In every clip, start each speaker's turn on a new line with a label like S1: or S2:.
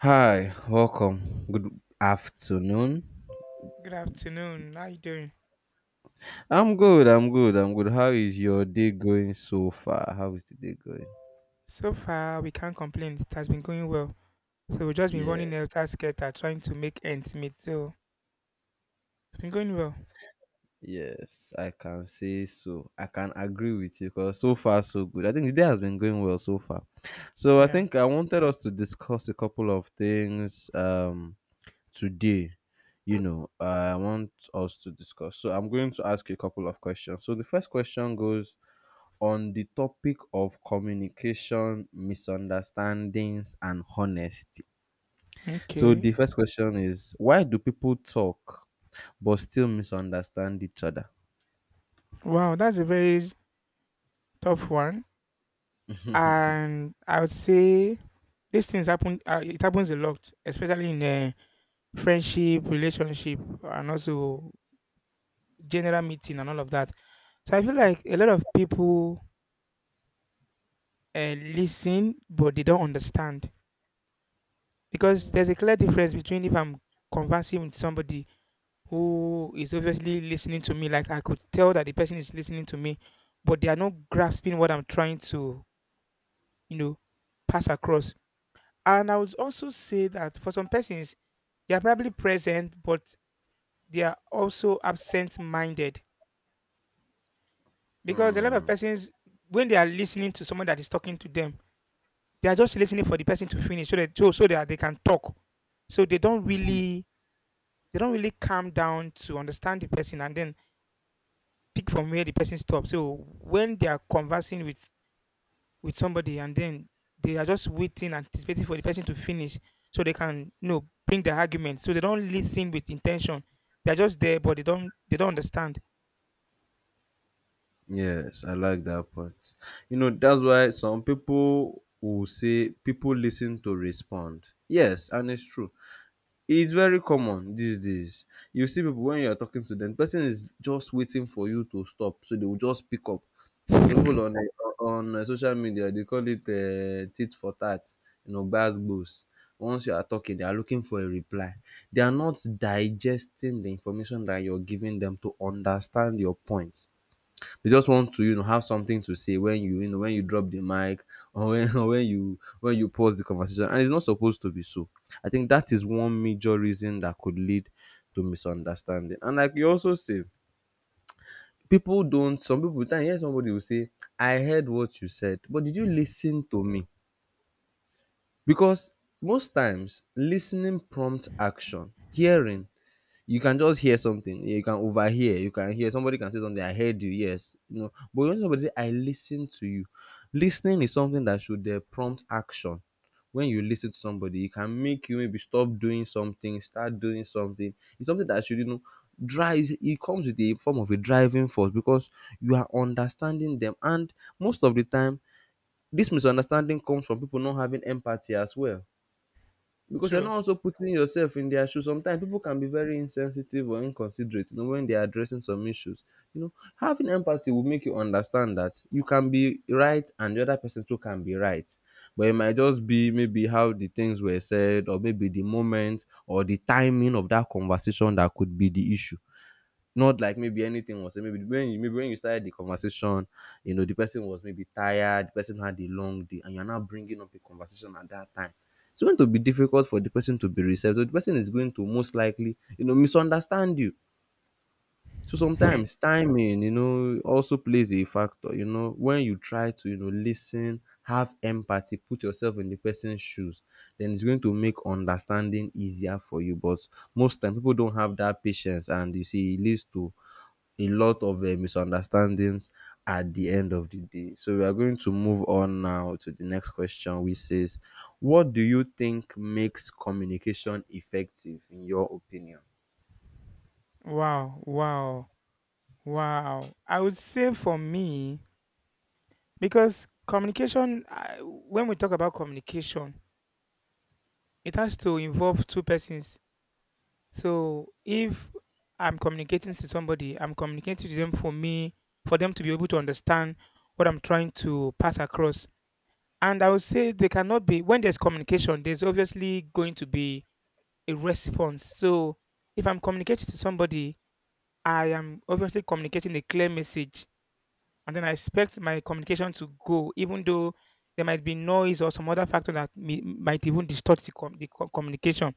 S1: Hi, welcome. Good afternoon.
S2: Good afternoon. How you doing?
S1: I'm good. I'm good. I'm good. How is your day going so far? How is the day going?
S2: So far, we can't complain. It has been going well. So we've just been
S1: Yeah.
S2: running after skelter, trying to make ends meet. So it's been going well.
S1: Yes, I can say so. I can agree with you because so far so good. I think the day has been going well so far. So I
S2: Yeah.
S1: think I wanted us to discuss a couple of things today. You know, I want us to discuss. So I'm going to ask you a couple of questions. So the first question goes on the topic of communication, misunderstandings, and honesty. So
S2: Okay.
S1: the first question is why do people talk but still misunderstand each other?
S2: Wow, that's a very tough one. And I would say these things happen. It happens a lot, especially in friendship, relationship, and also general meeting and all of that. So I feel like a lot of people listen, but they don't understand. Because there's a clear difference between if I'm conversing with somebody who is obviously listening to me, like I could tell that the person is listening to me, but they are not grasping what I'm trying to, you know, pass across. And I would also say that for some persons, they are probably present, but they are also absent minded. Because a lot of persons, when they are listening to someone that is talking to them, they are just listening for the person to finish so that they can talk. So they don't really calm down to understand the person and then pick from where the person stops. So when they are conversing with somebody and then they are just waiting, anticipating for the person to finish so they can bring their argument. So they don't listen with intention. They're just there, but they don't understand.
S1: Yes, I like that part. You know, that's why some people will say people listen to respond. Yes, and it's true. It's very common these days. You see people when you're talking to them, person is just waiting for you to stop, so they will just pick up. Some people
S2: True.
S1: on social media they call it tit for tat. You know, bass goes. Once you are talking, they are looking for a reply. They are not digesting the information that you're giving them to understand your point. They just want to, you know, have something to say when you know, when you drop the mic or when, or when you pause the conversation. And it's not supposed to be so. I think that is one major reason that could lead to misunderstanding. And like you also say, people don't some people with time hear somebody will say, I heard what you said, but did you listen to me? Because most times listening prompts action. Hearing you can just hear something. You can overhear. You can hear somebody can say something. I heard you. Yes, you know. But when somebody say, "I listen to you," listening is something that should prompt action. When you listen to somebody, it can make you maybe stop doing something, start doing something. It's something that should you know drive. It comes with a form of a driving force because you are understanding them, and most of the time, this misunderstanding comes from people not having empathy as well because you're not also putting yourself in their shoes. Sometimes people can be very insensitive or inconsiderate, you know, when they are addressing some issues. You know, having empathy will make you understand that you can be right and the other person too can be right. But it might just be maybe how the things were said, or maybe the moment or the timing of that conversation that could be the issue. Not like maybe anything was said. Maybe when you started the conversation, you know the person was maybe tired. The person had a long day, and you're now bringing up a conversation at that time. It's going to be difficult for the person to be receptive. So the person is going to most likely, you know, misunderstand you. So sometimes timing, you know, also plays a factor. You know, when you try to, you know, listen, have empathy, put yourself in the person's shoes, then it's going to make understanding easier for you. But most times people don't have that patience, and you see, it leads to a lot of misunderstandings at the end of the day. So we are going to move on now to the next question, which says, "What do you think makes communication effective, in your opinion?"
S2: Wow, wow, wow. I would say for me, because communication, when we talk about communication, it has to involve two persons. So if I'm communicating to somebody, I'm communicating to them for me, for them to be able to understand what I'm trying to pass across. And I would say they cannot be when there's communication, there's obviously going to be a response. So if I'm communicating to somebody, I am obviously communicating a clear message. And then I expect my communication to go, even though there might be noise or some other factor that might even distort the communication.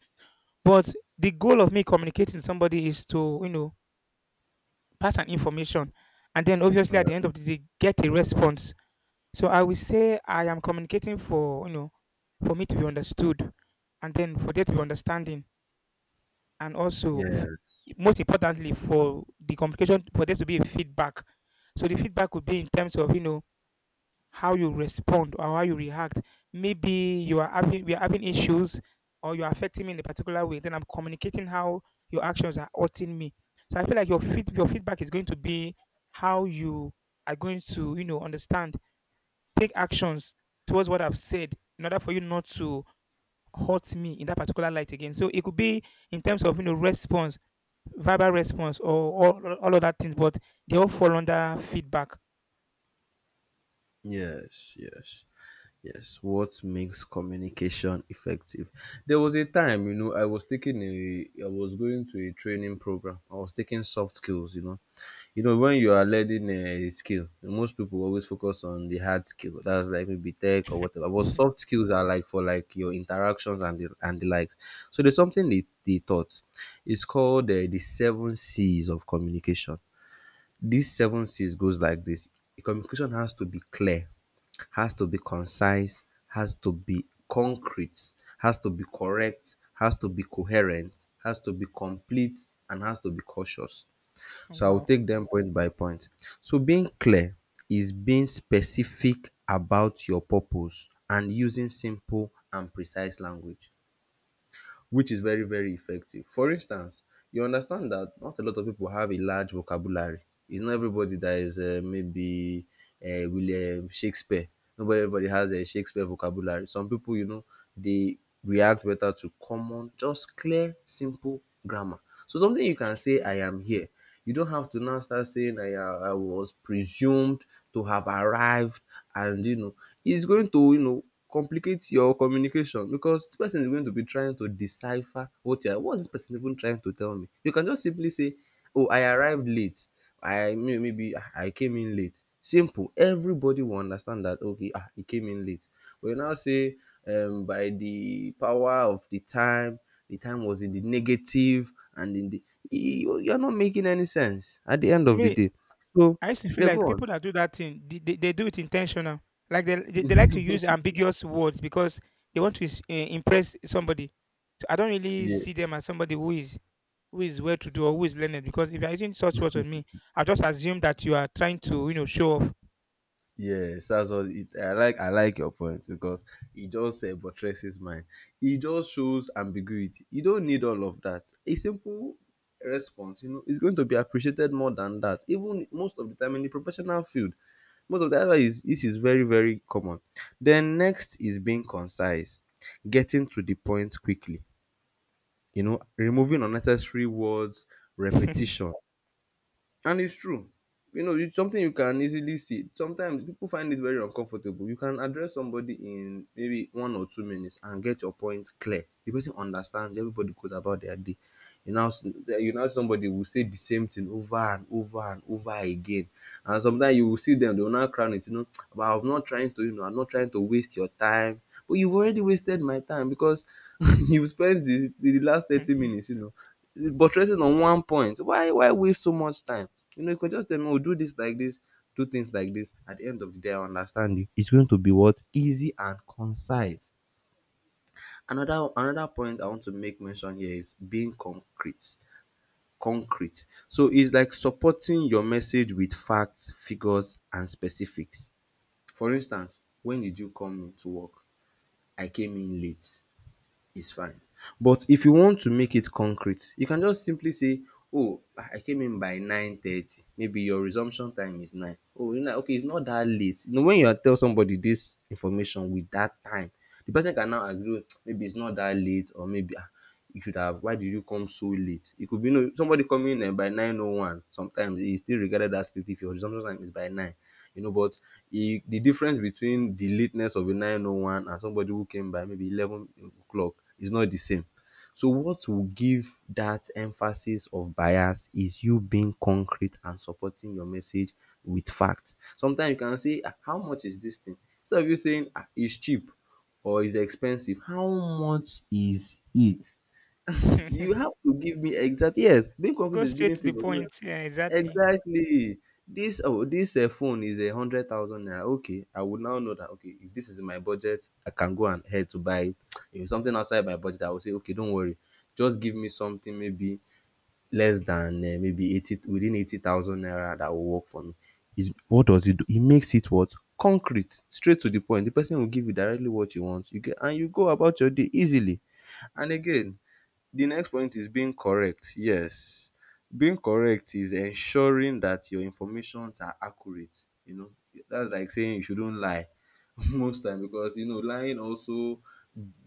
S2: But the goal of me communicating to somebody is to pass an information and then
S1: Uh,
S2: obviously at the end of the day get a response. So I will say I am communicating for for me to be understood, and then for there to be understanding, and also
S1: yeah.
S2: most importantly, for the communication for there to be a feedback. So the feedback could be in terms of how you respond or how you react. Maybe you are having we are having issues or you're affecting me in a particular way, then I'm communicating how your actions are hurting me. So I feel like your feedback is going to be how you are going to understand, take actions towards what I've said in order for you not to hurt me in that particular light again. So it could be in terms of response, verbal response or all of that things, but they all fall under feedback.
S1: Yes. Yes. Yes, what makes communication effective? There was a time, you know, I was taking a, I was going to a training program. I was taking soft skills, you know. You know, when you are learning a skill, most people always focus on the hard skill. That's like maybe tech or whatever. But soft skills are like for like your interactions and the likes. So there's something they taught. It's called the seven C's of communication. These seven C's goes like this. Communication has to be clear has to be concise, has to be concrete, has to be correct, has to be coherent, has to be complete, and has to be cautious. So I will
S2: Wow.
S1: take them point by point. So being clear is being specific about your purpose and using simple and precise language which is very, very effective. For instance, you understand that not a lot of people have a large vocabulary. It's not everybody that is maybe William Shakespeare. Not everybody has a Shakespeare vocabulary. Some people, you know, they react better to common, just clear, simple grammar. So something you can say, I am here. You don't have to now start saying I was presumed to have arrived, and you know, it's going to, you know, complicate your communication because this person is going to be trying to decipher what you are what is this person even trying to tell me you can just simply say oh I arrived late. I maybe I came in late. Simple, everybody will understand that, okay, ah, he came in late. But now say by the power of the time, the time was in the negative and in the you're not making any sense at the end of the
S2: Me,
S1: day. So
S2: I used to feel
S1: yeah, go
S2: like
S1: on.
S2: people that do that thing, they do it intentional. Like they like to use ambiguous words because they want to impress somebody. So I don't really
S1: Yeah.
S2: see them as somebody who is well to do or who is learned because if you're using such words on me, I just assume that you are trying to show off.
S1: Yes, that's what it, I like. I like your point because it just buttresses mine. It just shows ambiguity. You don't need all of that. A simple response, you know, is going to be appreciated more than that. Even most of the time in the professional field, most of the other is this is very very common. Then next is being concise, getting to the point quickly. You know, removing unnecessary words, repetition, and it's true. You know, it's something you can easily see. Sometimes people find it very uncomfortable. You can address somebody in maybe 1 or 2 minutes and get your point clear. The person understands. Everybody goes about their day. You know, you know somebody will say the same thing over and over and over again. And sometimes you will see them; they will now crown it you know but I'm not trying to you know I'm not trying to waste your time. But you've already wasted my time because you've spent the last 30 minutes you know buttressing on one point. Why waste so much time? You know you can just tell me oh do this like this, do things like this. At the end of the day I understand you. It's going to be what? Easy and concise. Another point I want to make mention here is being concrete concrete. So it's like supporting your message with facts, figures and specifics. For instance, when did you come to work? I came in late is fine. But if you want to make it concrete, you can just simply say, oh, I came in by 9:30. Maybe your resumption time is nine. Oh, you know, okay, it's not that late. You know, when you tell somebody this information with that time, the person can now agree, maybe it's not that late, or maybe ah, you should have, why did you come so late? It could be, you know, somebody coming in by 9.01, sometimes it's still regarded as late if your resumption time is by 9 you know, but he, the difference between the lateness of a 901 and somebody who came by maybe 11 o'clock is not the same. So, what will give that emphasis of bias is you being concrete and supporting your message with facts. Sometimes you can say, "Ah, how much is this thing? Instead of you saying, "Ah, it's cheap or it's expensive, how much is it? You have to give me exact. Yes, being concrete
S2: Go
S1: is
S2: straight
S1: giving
S2: to the
S1: figures.
S2: point. Yeah, exactly.
S1: Exactly. This oh this phone is 100,000 naira. Okay, I would now know that okay, if this is in my budget, I can go and head to buy it. If it's something outside my budget, I will say, okay, don't worry. Just give me something maybe less than maybe eighty within 80,000 naira that will work for me. Is what does it do? It makes it what concrete, straight to the point. The person will give you directly what you want. You get and you go about your day easily. And again, the next point is being correct. Yes, being correct is ensuring that your informations are accurate. You know, that's like saying you shouldn't lie. most time because you know lying also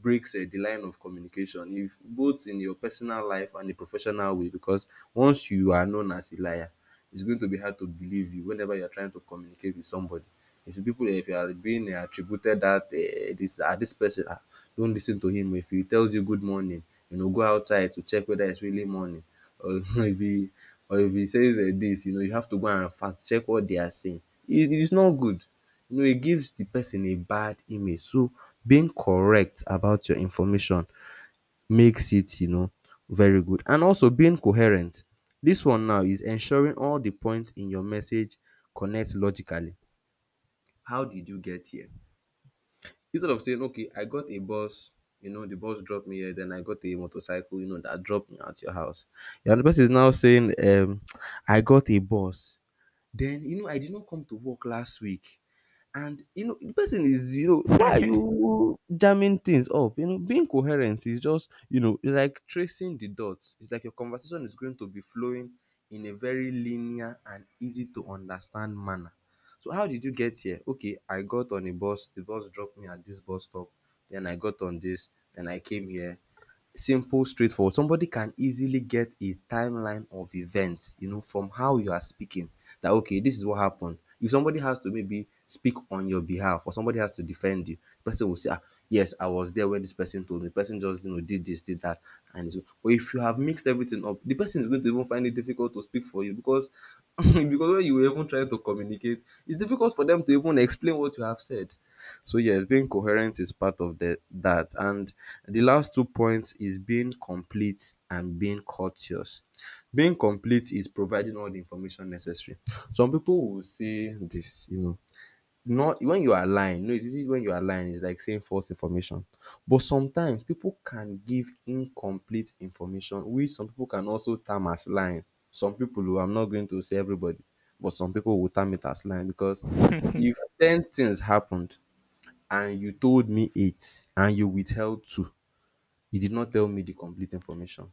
S1: breaks the line of communication if both in your personal life and the professional way because once you are known as a liar, it's going to be hard to believe you whenever you're trying to communicate with somebody. If the people if you are being attributed that this person, don't lis ten to him. If he tells you good morning, you know, go outside to check whether it's really morning, or if he says this, you know, you have to go and fact check what they are saying. It is not good. You know, it gives the person a bad image. So being correct about your information makes it very good. And also being coherent. This one now is ensuring all the points in your message connect logically. How did you get here? Instead of saying, okay, I got a bus, you know, the bus dropped me here, then I got a motorcycle, that dropped me at your house. Yeah. And the person is now saying, I got a bus. Then, I did not come to work last week. And you know, the person is, why are you jamming things up? You know, being coherent is just like tracing the dots. It's like your conversation is going to be flowing in a very linear and easy to understand manner. So how did you get here? Okay, I got on a bus, the bus dropped me at this bus stop, then I got on this, then I came here, simple, straightforward. Somebody can easily get a timeline of events, you know, from how you are speaking. That okay, this is what happened. If somebody has to maybe speak on your behalf or somebody has to defend you, the person will say, ah, yes, I was there when this person told me. The person, just you know, did this, did that, and so. But if you have mixed everything up, the person is going to even find it difficult to speak for you because because when you were even trying to communicate, it's difficult for them to even explain what you have said. So yes, being coherent is part of the that. And the last two points is being complete and being courteous. Being complete is providing all the information necessary. Some people will say this, you know, not when you are lying. No, it's easy when you are lying. It's like saying false information. But sometimes people can give incomplete information, which some people can also term as lying. Some people, who I'm not going to say everybody, but some people will term it as lying, because if ten things happened, and you told me it and you withheld two, you did not tell me the complete information,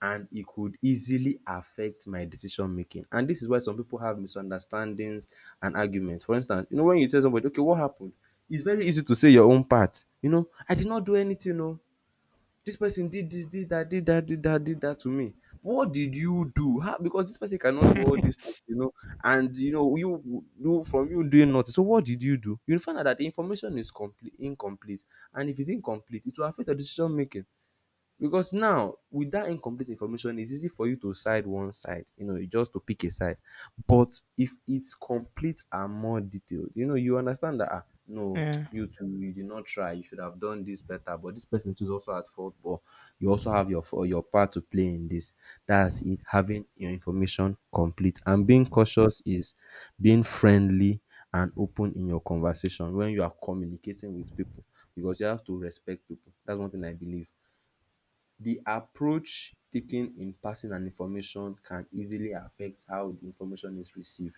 S1: and it could easily affect my decision making. And this is why some people have misunderstandings and arguments. For instance, you know, when you tell somebody okay what happened, it's very easy to say your own part. You know, I did not do anything. No, this person did this, did that, did that, did that, did that to me. What did you do? How? Because this person cannot do all these things, you know. And you know, you do from you doing nothing, so what did you do? You will find out that the information is complete incomplete. And if it's incomplete, it will affect the decision making, because now with that incomplete information, it's easy for you to side one side, you know, just to pick a side. But if it's complete and more detailed, you know, you understand that, ah no,
S2: Yeah.
S1: you too, you did not try, you should have done this better, but this person too is also at fault. But you also have your your part to play in this. That's it, having your information complete. And being cautious is being friendly and open in your conversation when you are communicating with people, because you have to respect people. That's one thing I believe. The approach taken in passing an information can easily affect how the information is received,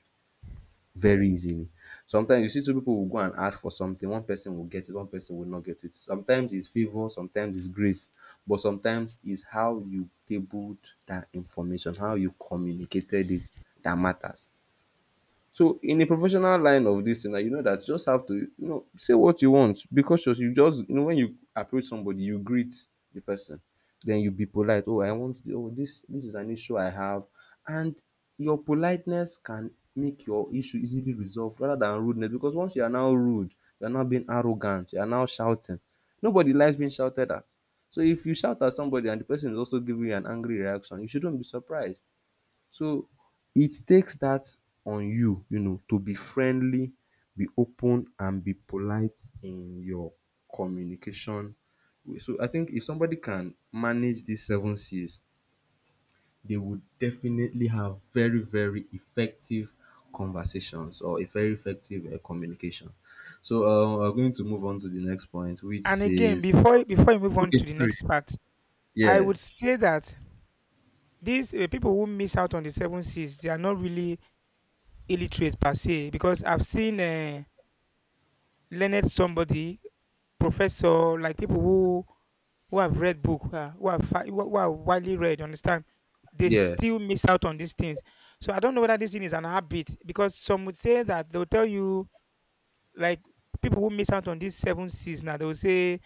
S1: very easily. Sometimes you see two people will go and ask for something, one person will get it, one person will not get it. Sometimes it's favour, sometimes it's grace, but sometimes it's how you tabled that information, how you communicated it, that matters. So in a professional line of this thing now, you know that you just have to, you know, say what you want, be cautious. You just, you know, when you approach somebody, you greet the person, then you be polite. “Oh, I want, oh, this is an issue I have.” And your politeness can make your issue easily resolved rather than rudeness, because once you are now rude, you are now being arrogant, you are now shouting. Nobody likes being shouted at. So if you shout at somebody and the person is also giving you an angry reaction, you shouldn't be surprised. So it takes that on you, you know, to be friendly, be open, and be polite in your communication. So I think if somebody can manage these seven C's, they would definitely have very, very effective conversations, or a very effective communication. So we're going to move on to the next point, which
S2: And again,
S1: says,
S2: before you move on
S1: okay,
S2: to the
S1: sorry,
S2: next part, I would
S1: yes,
S2: say that these people who miss out on the seven C's, they are not really illiterate per se, because I've seen learned somebody, professor, like people who have read book, who have fi- who are widely read, you understand? They
S1: yes,
S2: still miss out on these things. So I don't know whether this thing is an habit, because some would say that they'll tell you, like, people who miss out on these seven C's now, they will say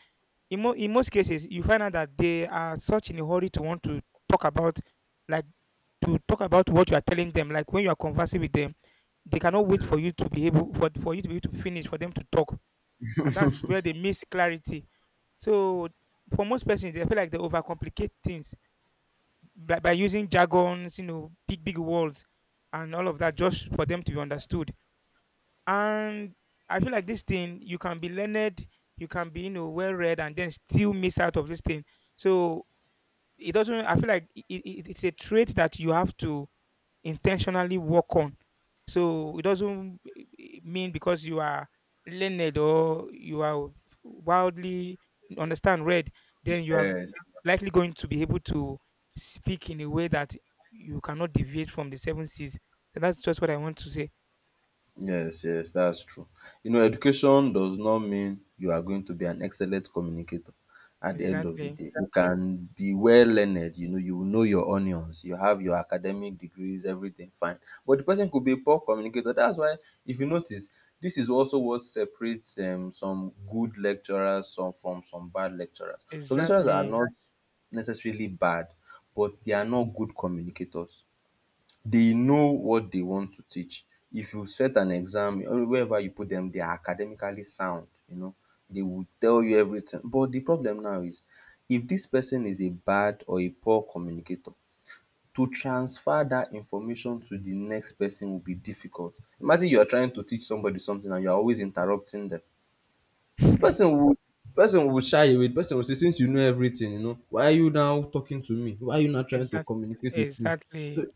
S2: in most cases you find out that they are such in a hurry to want talk about like to talk about what you are telling them. Like when you are conversing with them, they cannot wait
S1: yeah,
S2: for you to be able to finish for them to talk, and that's where they miss clarity. So for most persons, they feel like they overcomplicate things by using jargons, big words, and all of that just for them to be understood. And I feel like this thing you can be learned, you can be well read, and then still miss out of this thing. So it doesn't. I feel like it's a trait that you have to intentionally work on. So it doesn't mean because you are learned or you are wildly understand read, then you are
S1: yes.
S2: likely going to be able to speak in a way that you cannot deviate from the seven C's. So that's just what I want to say.
S1: Yes, yes, that's true. You know, education does not mean you are going to be an excellent communicator at the end of the
S2: Exactly.
S1: day. You can be well learned, you know your onions, you have your academic degrees, everything fine. But the person could be a poor communicator. That's why, if you notice, this is also what separates some good from some bad lecturers. Some lecturers are
S2: Exactly.
S1: not necessarily bad, but they are not good communicators. They know what they want to teach. If you set an exam, or wherever you put them, they are academically sound, you know. They will tell you everything. But the problem now is, if this person is a bad or a poor communicator, to transfer that information to the next person will be difficult. Imagine you are trying to teach somebody something and you are always interrupting them. The person will person will shy away. The person will say, since you know everything, you know, why are you now talking to me? Why are you not trying to
S2: Exactly.
S1: communicate with me? So
S2: Exactly.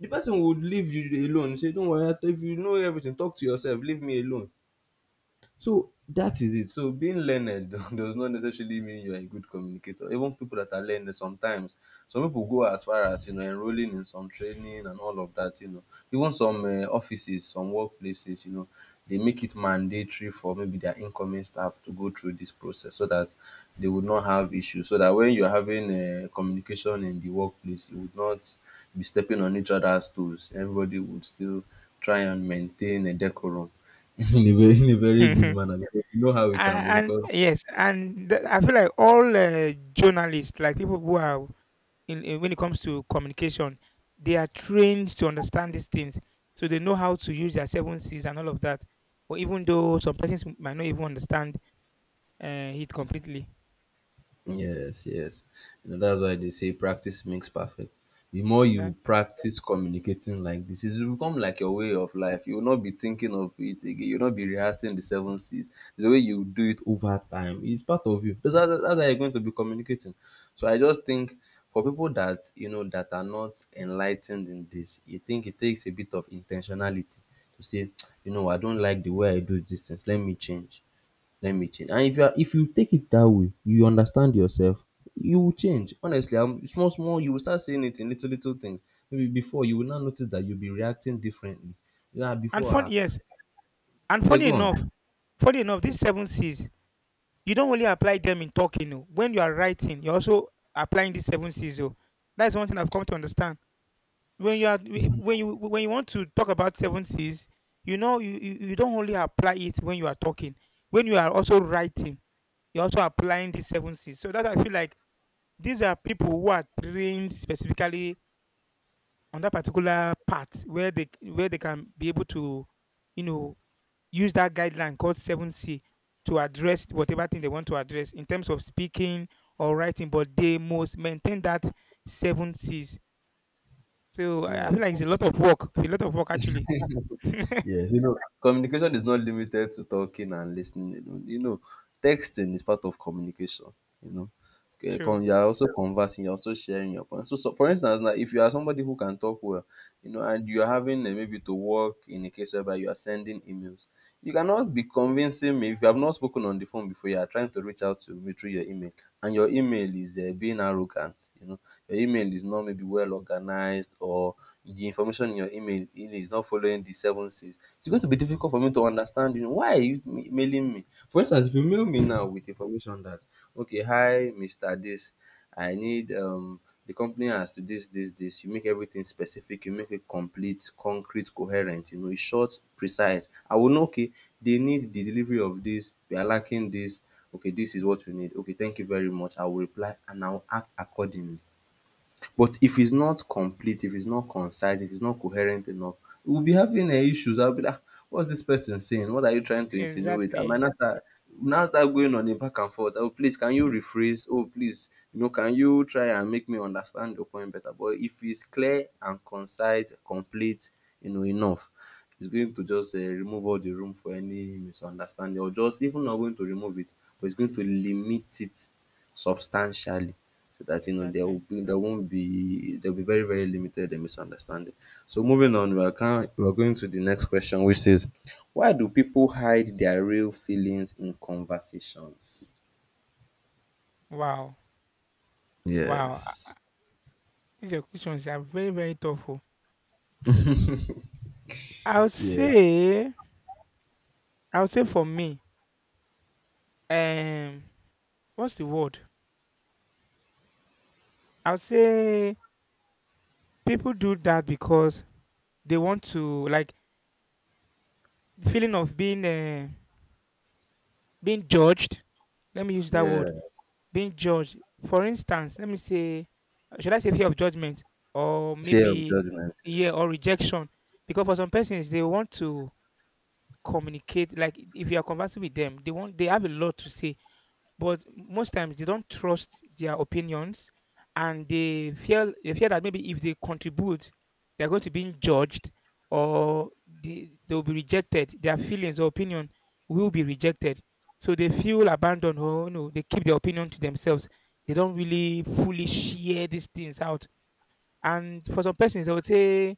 S1: the person would leave you alone, say don't worry, if you know everything, talk to yourself, leave me alone. So that is it. So being learned does not necessarily mean you're a good communicator. Even people that are learned sometimes, some people go as far as, you know, enrolling in some training and all of that. You know, even some offices, some workplaces, you know, they make it mandatory for maybe their incoming staff to go through this process, so that they would not have issues. So that when you're having communication in the workplace, you would not be stepping on each other's toes. Everybody would still try and maintain a decorum. in a very in a very good
S2: and,
S1: manner, because you know how it can be
S2: and
S1: because
S2: yes, I feel like all journalists, like people who are in when it comes to communication, they are trained to understand these things, so they know how to use their seven C's and all of that. But even though some persons might not even understand it completely,
S1: yes, yes, you know that's why they say practice makes perfect. The more you
S2: exactly.
S1: practice communicating like this, it will become like your way of life. You will not be thinking of it again, you will not be rehearsing the seven C's. The way you do it over time, it's part of you. That's how you're going to be communicating. So I just think for people that, you know, that are not enlightened in this, you think it takes a bit of intentionality to say, you know, I don't like the way I do these things, let me change. And if you are, if you take it that way, you understand yourself, you will change honestly. And small small, you will start seeing it in little little things. Maybe before, you will now notice that you'll be reacting differently. Yeah,
S2: And
S1: before,
S2: fun,
S1: ah,
S2: yes, and
S1: yeah,
S2: funny
S1: go on,
S2: enough, funny enough, these seven C's, you don't only apply them in talking. Oh. When you are writing, you're also applying these seven C's. Oh. That's one thing I've come to understand. When you are when you want to talk about seven C's, you don't only apply it when you are talking, when you are also writing you're also applying these seven C's. So that I feel like these are people who are trained specifically on that particular part where they can be able to, you know, use that guideline called seven C to address whatever thing they want to address in terms of speaking or writing, but they must maintain that seven C's. So I feel
S1: yes.
S2: like it's a lot of work. A lot of work actually.
S1: Yes, you know, communication is not limited to talking and listening alone. You know, texting is part of communication. You know, okay,
S2: True.
S1: you are also conversing, you're also sharing your points. So, for instance, now if you are somebody who can talk well, you know, and you are having maybe to work in a case whereby you are sending emails, you cannot be convincing me if you have not spoken on the phone before. You are trying to reach out to me through your email, and your email is being arrogant. You know, your email is not maybe well organized, or the information in your email, it is not following the seven C's, it's going to be difficult for me to understand you. Know, why are you mailing me? For instance, if you mail me now with information that, okay, hi, Mr. This, I need the company has to this, this, this. You make everything specific, you make it complete, concrete, coherent, you know, it's short, precise. I will know, okay, they need the delivery of this, we are lacking this. Okay, this is what we need. Okay, thank you very much. I will reply and I will act accordingly. But if it's not complete, if it's not concise, if it's not coherent enough, we'll be having issues. I'll be like, "Ah, what's this person saying? What are you trying to insinuate?" I might
S2: Exactly.
S1: now start going on a back and forth. "Oh, please, can you rephrase? Oh, please, you know, can you try and make me understand your point better?" But if it's clear and concise, complete, you know, enough, it's going to just remove all the room for any misunderstanding or just even not going to remove it, but it's going to limit it substantially. So that you know
S2: Exactly.
S1: there won't be there'll be very, very limited misunderstanding. So moving on, we are going to the next question, which is why do people hide their real feelings in conversations?
S2: Wow. Wow.
S1: Yes.
S2: These are questions are very, very tough. Oh. I would
S1: Yes.
S2: say I would say for me, um, what's the word? I would say people do that because they want to like the feeling of being judged. Let me use that
S1: Yeah.
S2: word, being judged. For instance, let me say, should I say fear of judgment or
S1: Fear of
S2: maybe,
S1: judgment.
S2: yeah,
S1: Yes.
S2: or rejection? Because for some persons they want to communicate. Like if you are conversing with them, they have a lot to say, but most times they don't trust their opinions, and they fear that maybe if they contribute they're going to be judged, or they'll be rejected, their feelings or opinion will be rejected, so they feel abandoned, or they keep their opinion to themselves, they don't really fully share these things out. And for some persons I would say,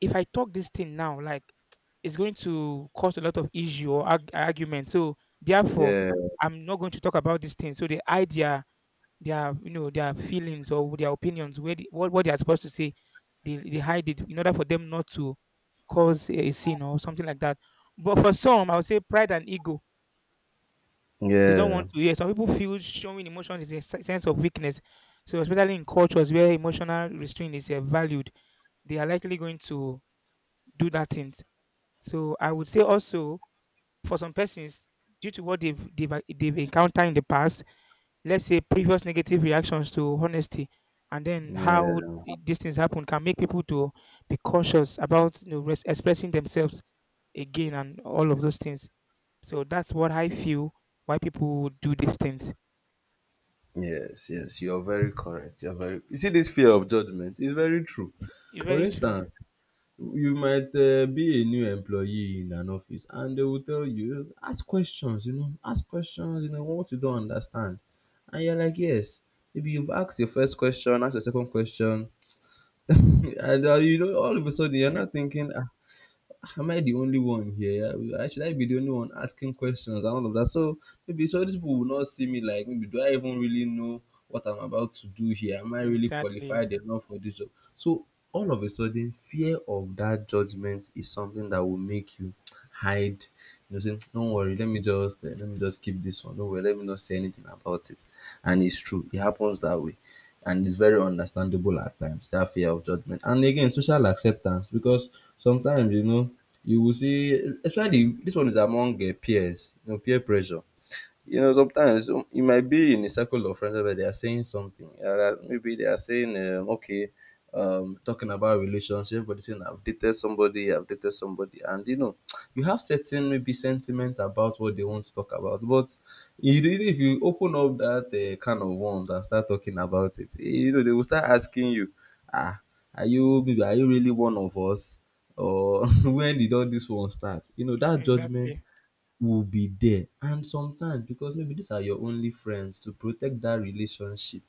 S2: if I talk this thing now, like, it's going to cause a lot of issue or argument. So therefore,
S1: Yeah.
S2: I'm not going to talk about this thing. So they hide their you know their feelings or their opinions, where the, what they are supposed to say, they hide it in order for them not to cause a scene or something like that. But for some, I would say pride and ego. They don't
S1: Yeah.
S2: want to hear. Some people feel showing emotion is a sense of weakness. So especially in cultures where emotional restraint is valued, they are likely going to do that thing. So I would say also, for some persons, due to what they've encountered in the past, let's say previous negative reactions to honesty, and then how
S1: Yeah.
S2: these things happen can make people to be cautious about expressing themselves again and all of those things. So that's what I feel why people do these things.
S1: Yes. Yes. You're very correct. You're very. You see, this fear of judgment is very true.
S2: It's
S1: For
S2: very true.
S1: instance, you might be a new employee in an office and they will tell you ask questions, you know, ask questions, you know what you don't understand, and you're like yes, maybe you've asked your first question, asked your second question, and you know, all of a sudden you're not thinking, "Ah, am I the only one here? I be the only one asking questions and all of that? So maybe so these people will not see me like maybe do I even really know what I'm about to do here? Am I really
S2: Exactly.
S1: qualified enough for this job?" So all of a sudden, fear of that judgment is something that will make you hide. You know, saying, "Don't worry, let me just keep this one. Don't worry, let me not say anything about it." And it's true, it happens that way, and it's very understandable at times, that fear of judgment and again social acceptance, because sometimes you know you will see, especially this one is among peers, you know, peer pressure, you know, sometimes you might be in a circle of friends where they are saying something. Yeah, that maybe they are saying, okay, talking about relationship, but they saying I've dated somebody, and you know, you have certain maybe sentiment about what they want to talk about. But you really, if you open up that kind of worms and start talking about it, eh, you know, they will start asking you, ah, are you really one of us? Or when did all this one start? You know, that judgment
S2: Exactly.
S1: will be there. And sometimes because maybe these are your only friends, to protect that relationship,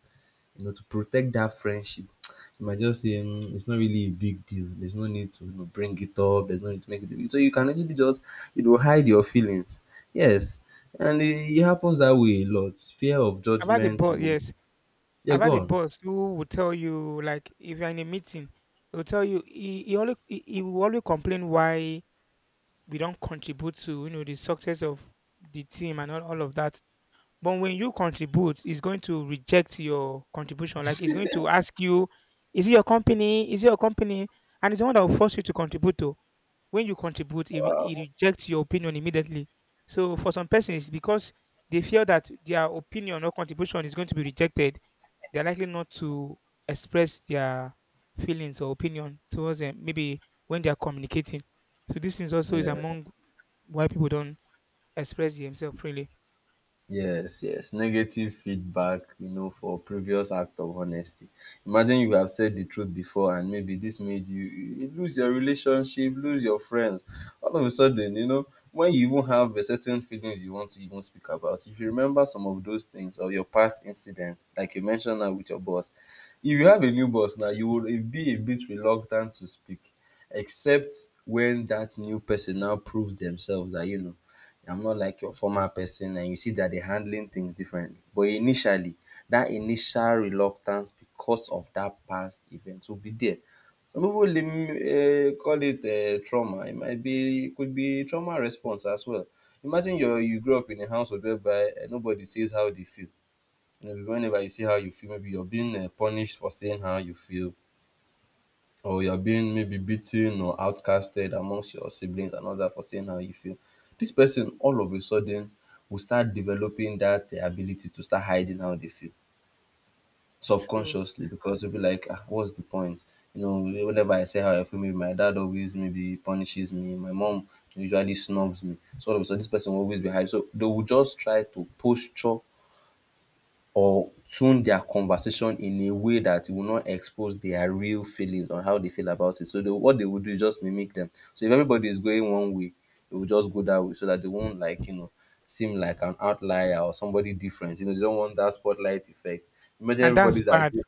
S1: you know, to protect that friendship, you might just say, "Mm, it's not really a big deal. There's no need to, you know, bring it up. There's no need to make it a big." So you can actually just, you know, hide your feelings. Yes. And it happens that way a lot. Fear of
S2: About the
S1: judgment, you
S2: ball,
S1: know.
S2: yes.
S1: Yeah,
S2: I've
S1: go
S2: had a
S1: on.
S2: boss who would tell you, like, if you're in a meeting, he will tell you he will always complain why we don't contribute to the success of the team and all of that. But when you contribute, he's going to reject your contribution. Like he's going to ask you, is it your company? Is it your company? And it's the one that will force you to contribute to. When you contribute, he rejects your opinion immediately. So for some persons, because they feel that their opinion or contribution is going to be rejected, they're likely not to express their feelings or opinion towards them maybe when they are communicating. So this is also is
S1: Yeah.
S2: among why people don't express themselves freely.
S1: Yes, yes. Negative feedback, you know, for previous act of honesty. Imagine you have said the truth before and maybe this made you lose your relationship, lose your friends. All of a sudden, you know, when you even have a certain feelings you want to even speak about, if you remember some of those things or your past incidents, like you mentioned now with your boss, if you have a new boss now, you will be a bit reluctant to speak, except when that new person now proves themselves that, you know, I'm not like your former person and you see that they're handling things differently. But initially, that initial reluctance because of that past event will be there. Some people call it trauma. It could be trauma response as well. Imagine you grow up in a household whereby nobody says how they feel. You know, whenever you say how you feel, maybe you're being punished for saying how you feel, or you are being maybe beaten or outcasted amongst your siblings and all that for saying how you feel, this person all of a sudden will start developing that their ability to start hiding how they feel
S2: True.
S1: subconsciously because they'll be like, ah, what's the point? You know, whenever I say how I feel, maybe my dad always maybe punishes me, my mom usually snubs me. So all of a sudden, this person will always be hiding. So they will just try to posture or tune their conversation in a way that will not expose their real feelings on how they feel about it. So what they would do is just mimic them. So if everybody is going one way, they will just go that way so that they won't like, you know, seem like an outlier or somebody different. You know, they don't want that spotlight effect. Imagine
S2: And that's
S1: everybody's
S2: bad.
S1: agreeing.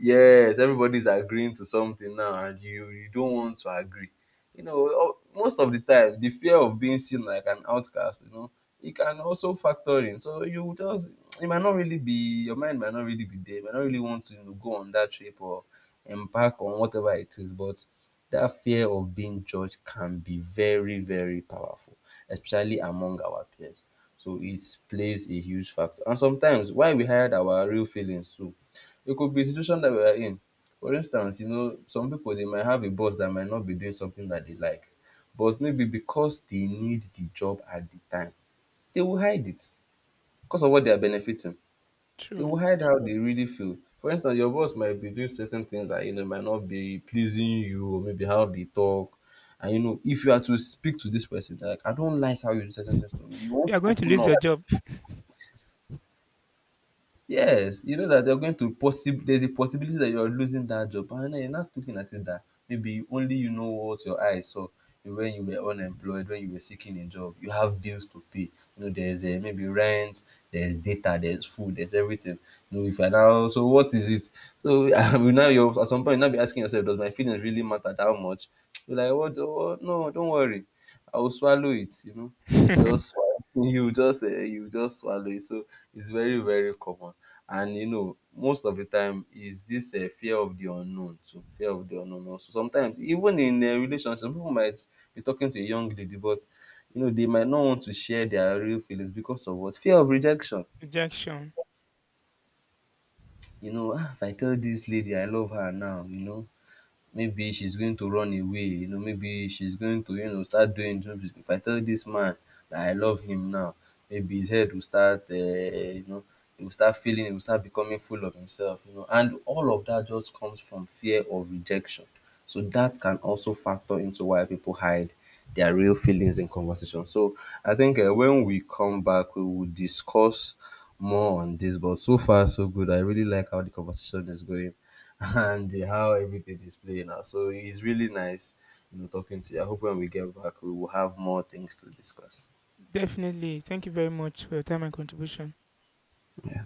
S1: Yes, everybody's agreeing to something now and you don't want to agree. You know, o- most of the time the fear of being seen like an outcast, you know, it can also factor in. So you just, it might not really be, your mind might not really be there, you might not really want to, you know, go on that trip or embark on whatever it is, but that fear of being judged can be very, very powerful, especially among our peers. So it plays a huge factor. And sometimes why we hide our real feelings too, it could be situation dat we are in. For instance, you know, some pipu dey might have a boss dat might not be doing something dat dey like, but maybe because dey need the job at the time, they will hide it. Because of what they are benefiting, they
S2: True.
S1: will hide how they really feel. For instance, your boss might be doing certain things dat you know might not be pleasing you or maybe how they talk, and you know if you are to speak to dis person like, "I don't like how you do certain things to me," you want
S2: You're
S1: to
S2: going to
S1: open
S2: lose
S1: up.
S2: your job.
S1: Yes, you know that you're going to possible, there's a possibility that you're losing that job, and then you're not looking at it that maybe only you know what your eyes saw when you were unemployed, when you were seeking a job. You have bills to pay. You know, there's maybe rent, there's data, there's food, there's everything. You know, if you're now, so what is it? So I will now you're, at some point, you now be asking yourself, does my feelings really matter that much? You're like, what, what? No, don't worry. I will swallow it, you know. You just, swallow- you just swallow it. So it's very, very common. And you know most of di time is dis fear of di unknown too, fear of di unknown also. Sometimes even in relationship some pipu might be talking to a young lady, but you know dey might not want to share dia real feelings because of what? Fear of rejection.
S2: Rejection.
S1: You know if I tell dis lady I love her now, you know maybe she's going to run away, you know, maybe she's going to, you know, start doing things. If I tell this man that I love him now, maybe his head will start you know, he will start feeling, he will start becoming full of himself, you know, and all of that just comes from fear of rejection. So that can also factor into why people hide their real feelings in conversation. So I think when we come back, we will discuss more on this. But so far, so good. I really like how the conversation is going. And how everything is playing out. So it's really nice, you know, talking to you. I hope when we get back, we will have more things to discuss.
S2: Definitely. Thank you very much for your time and contribution.
S1: Yeah.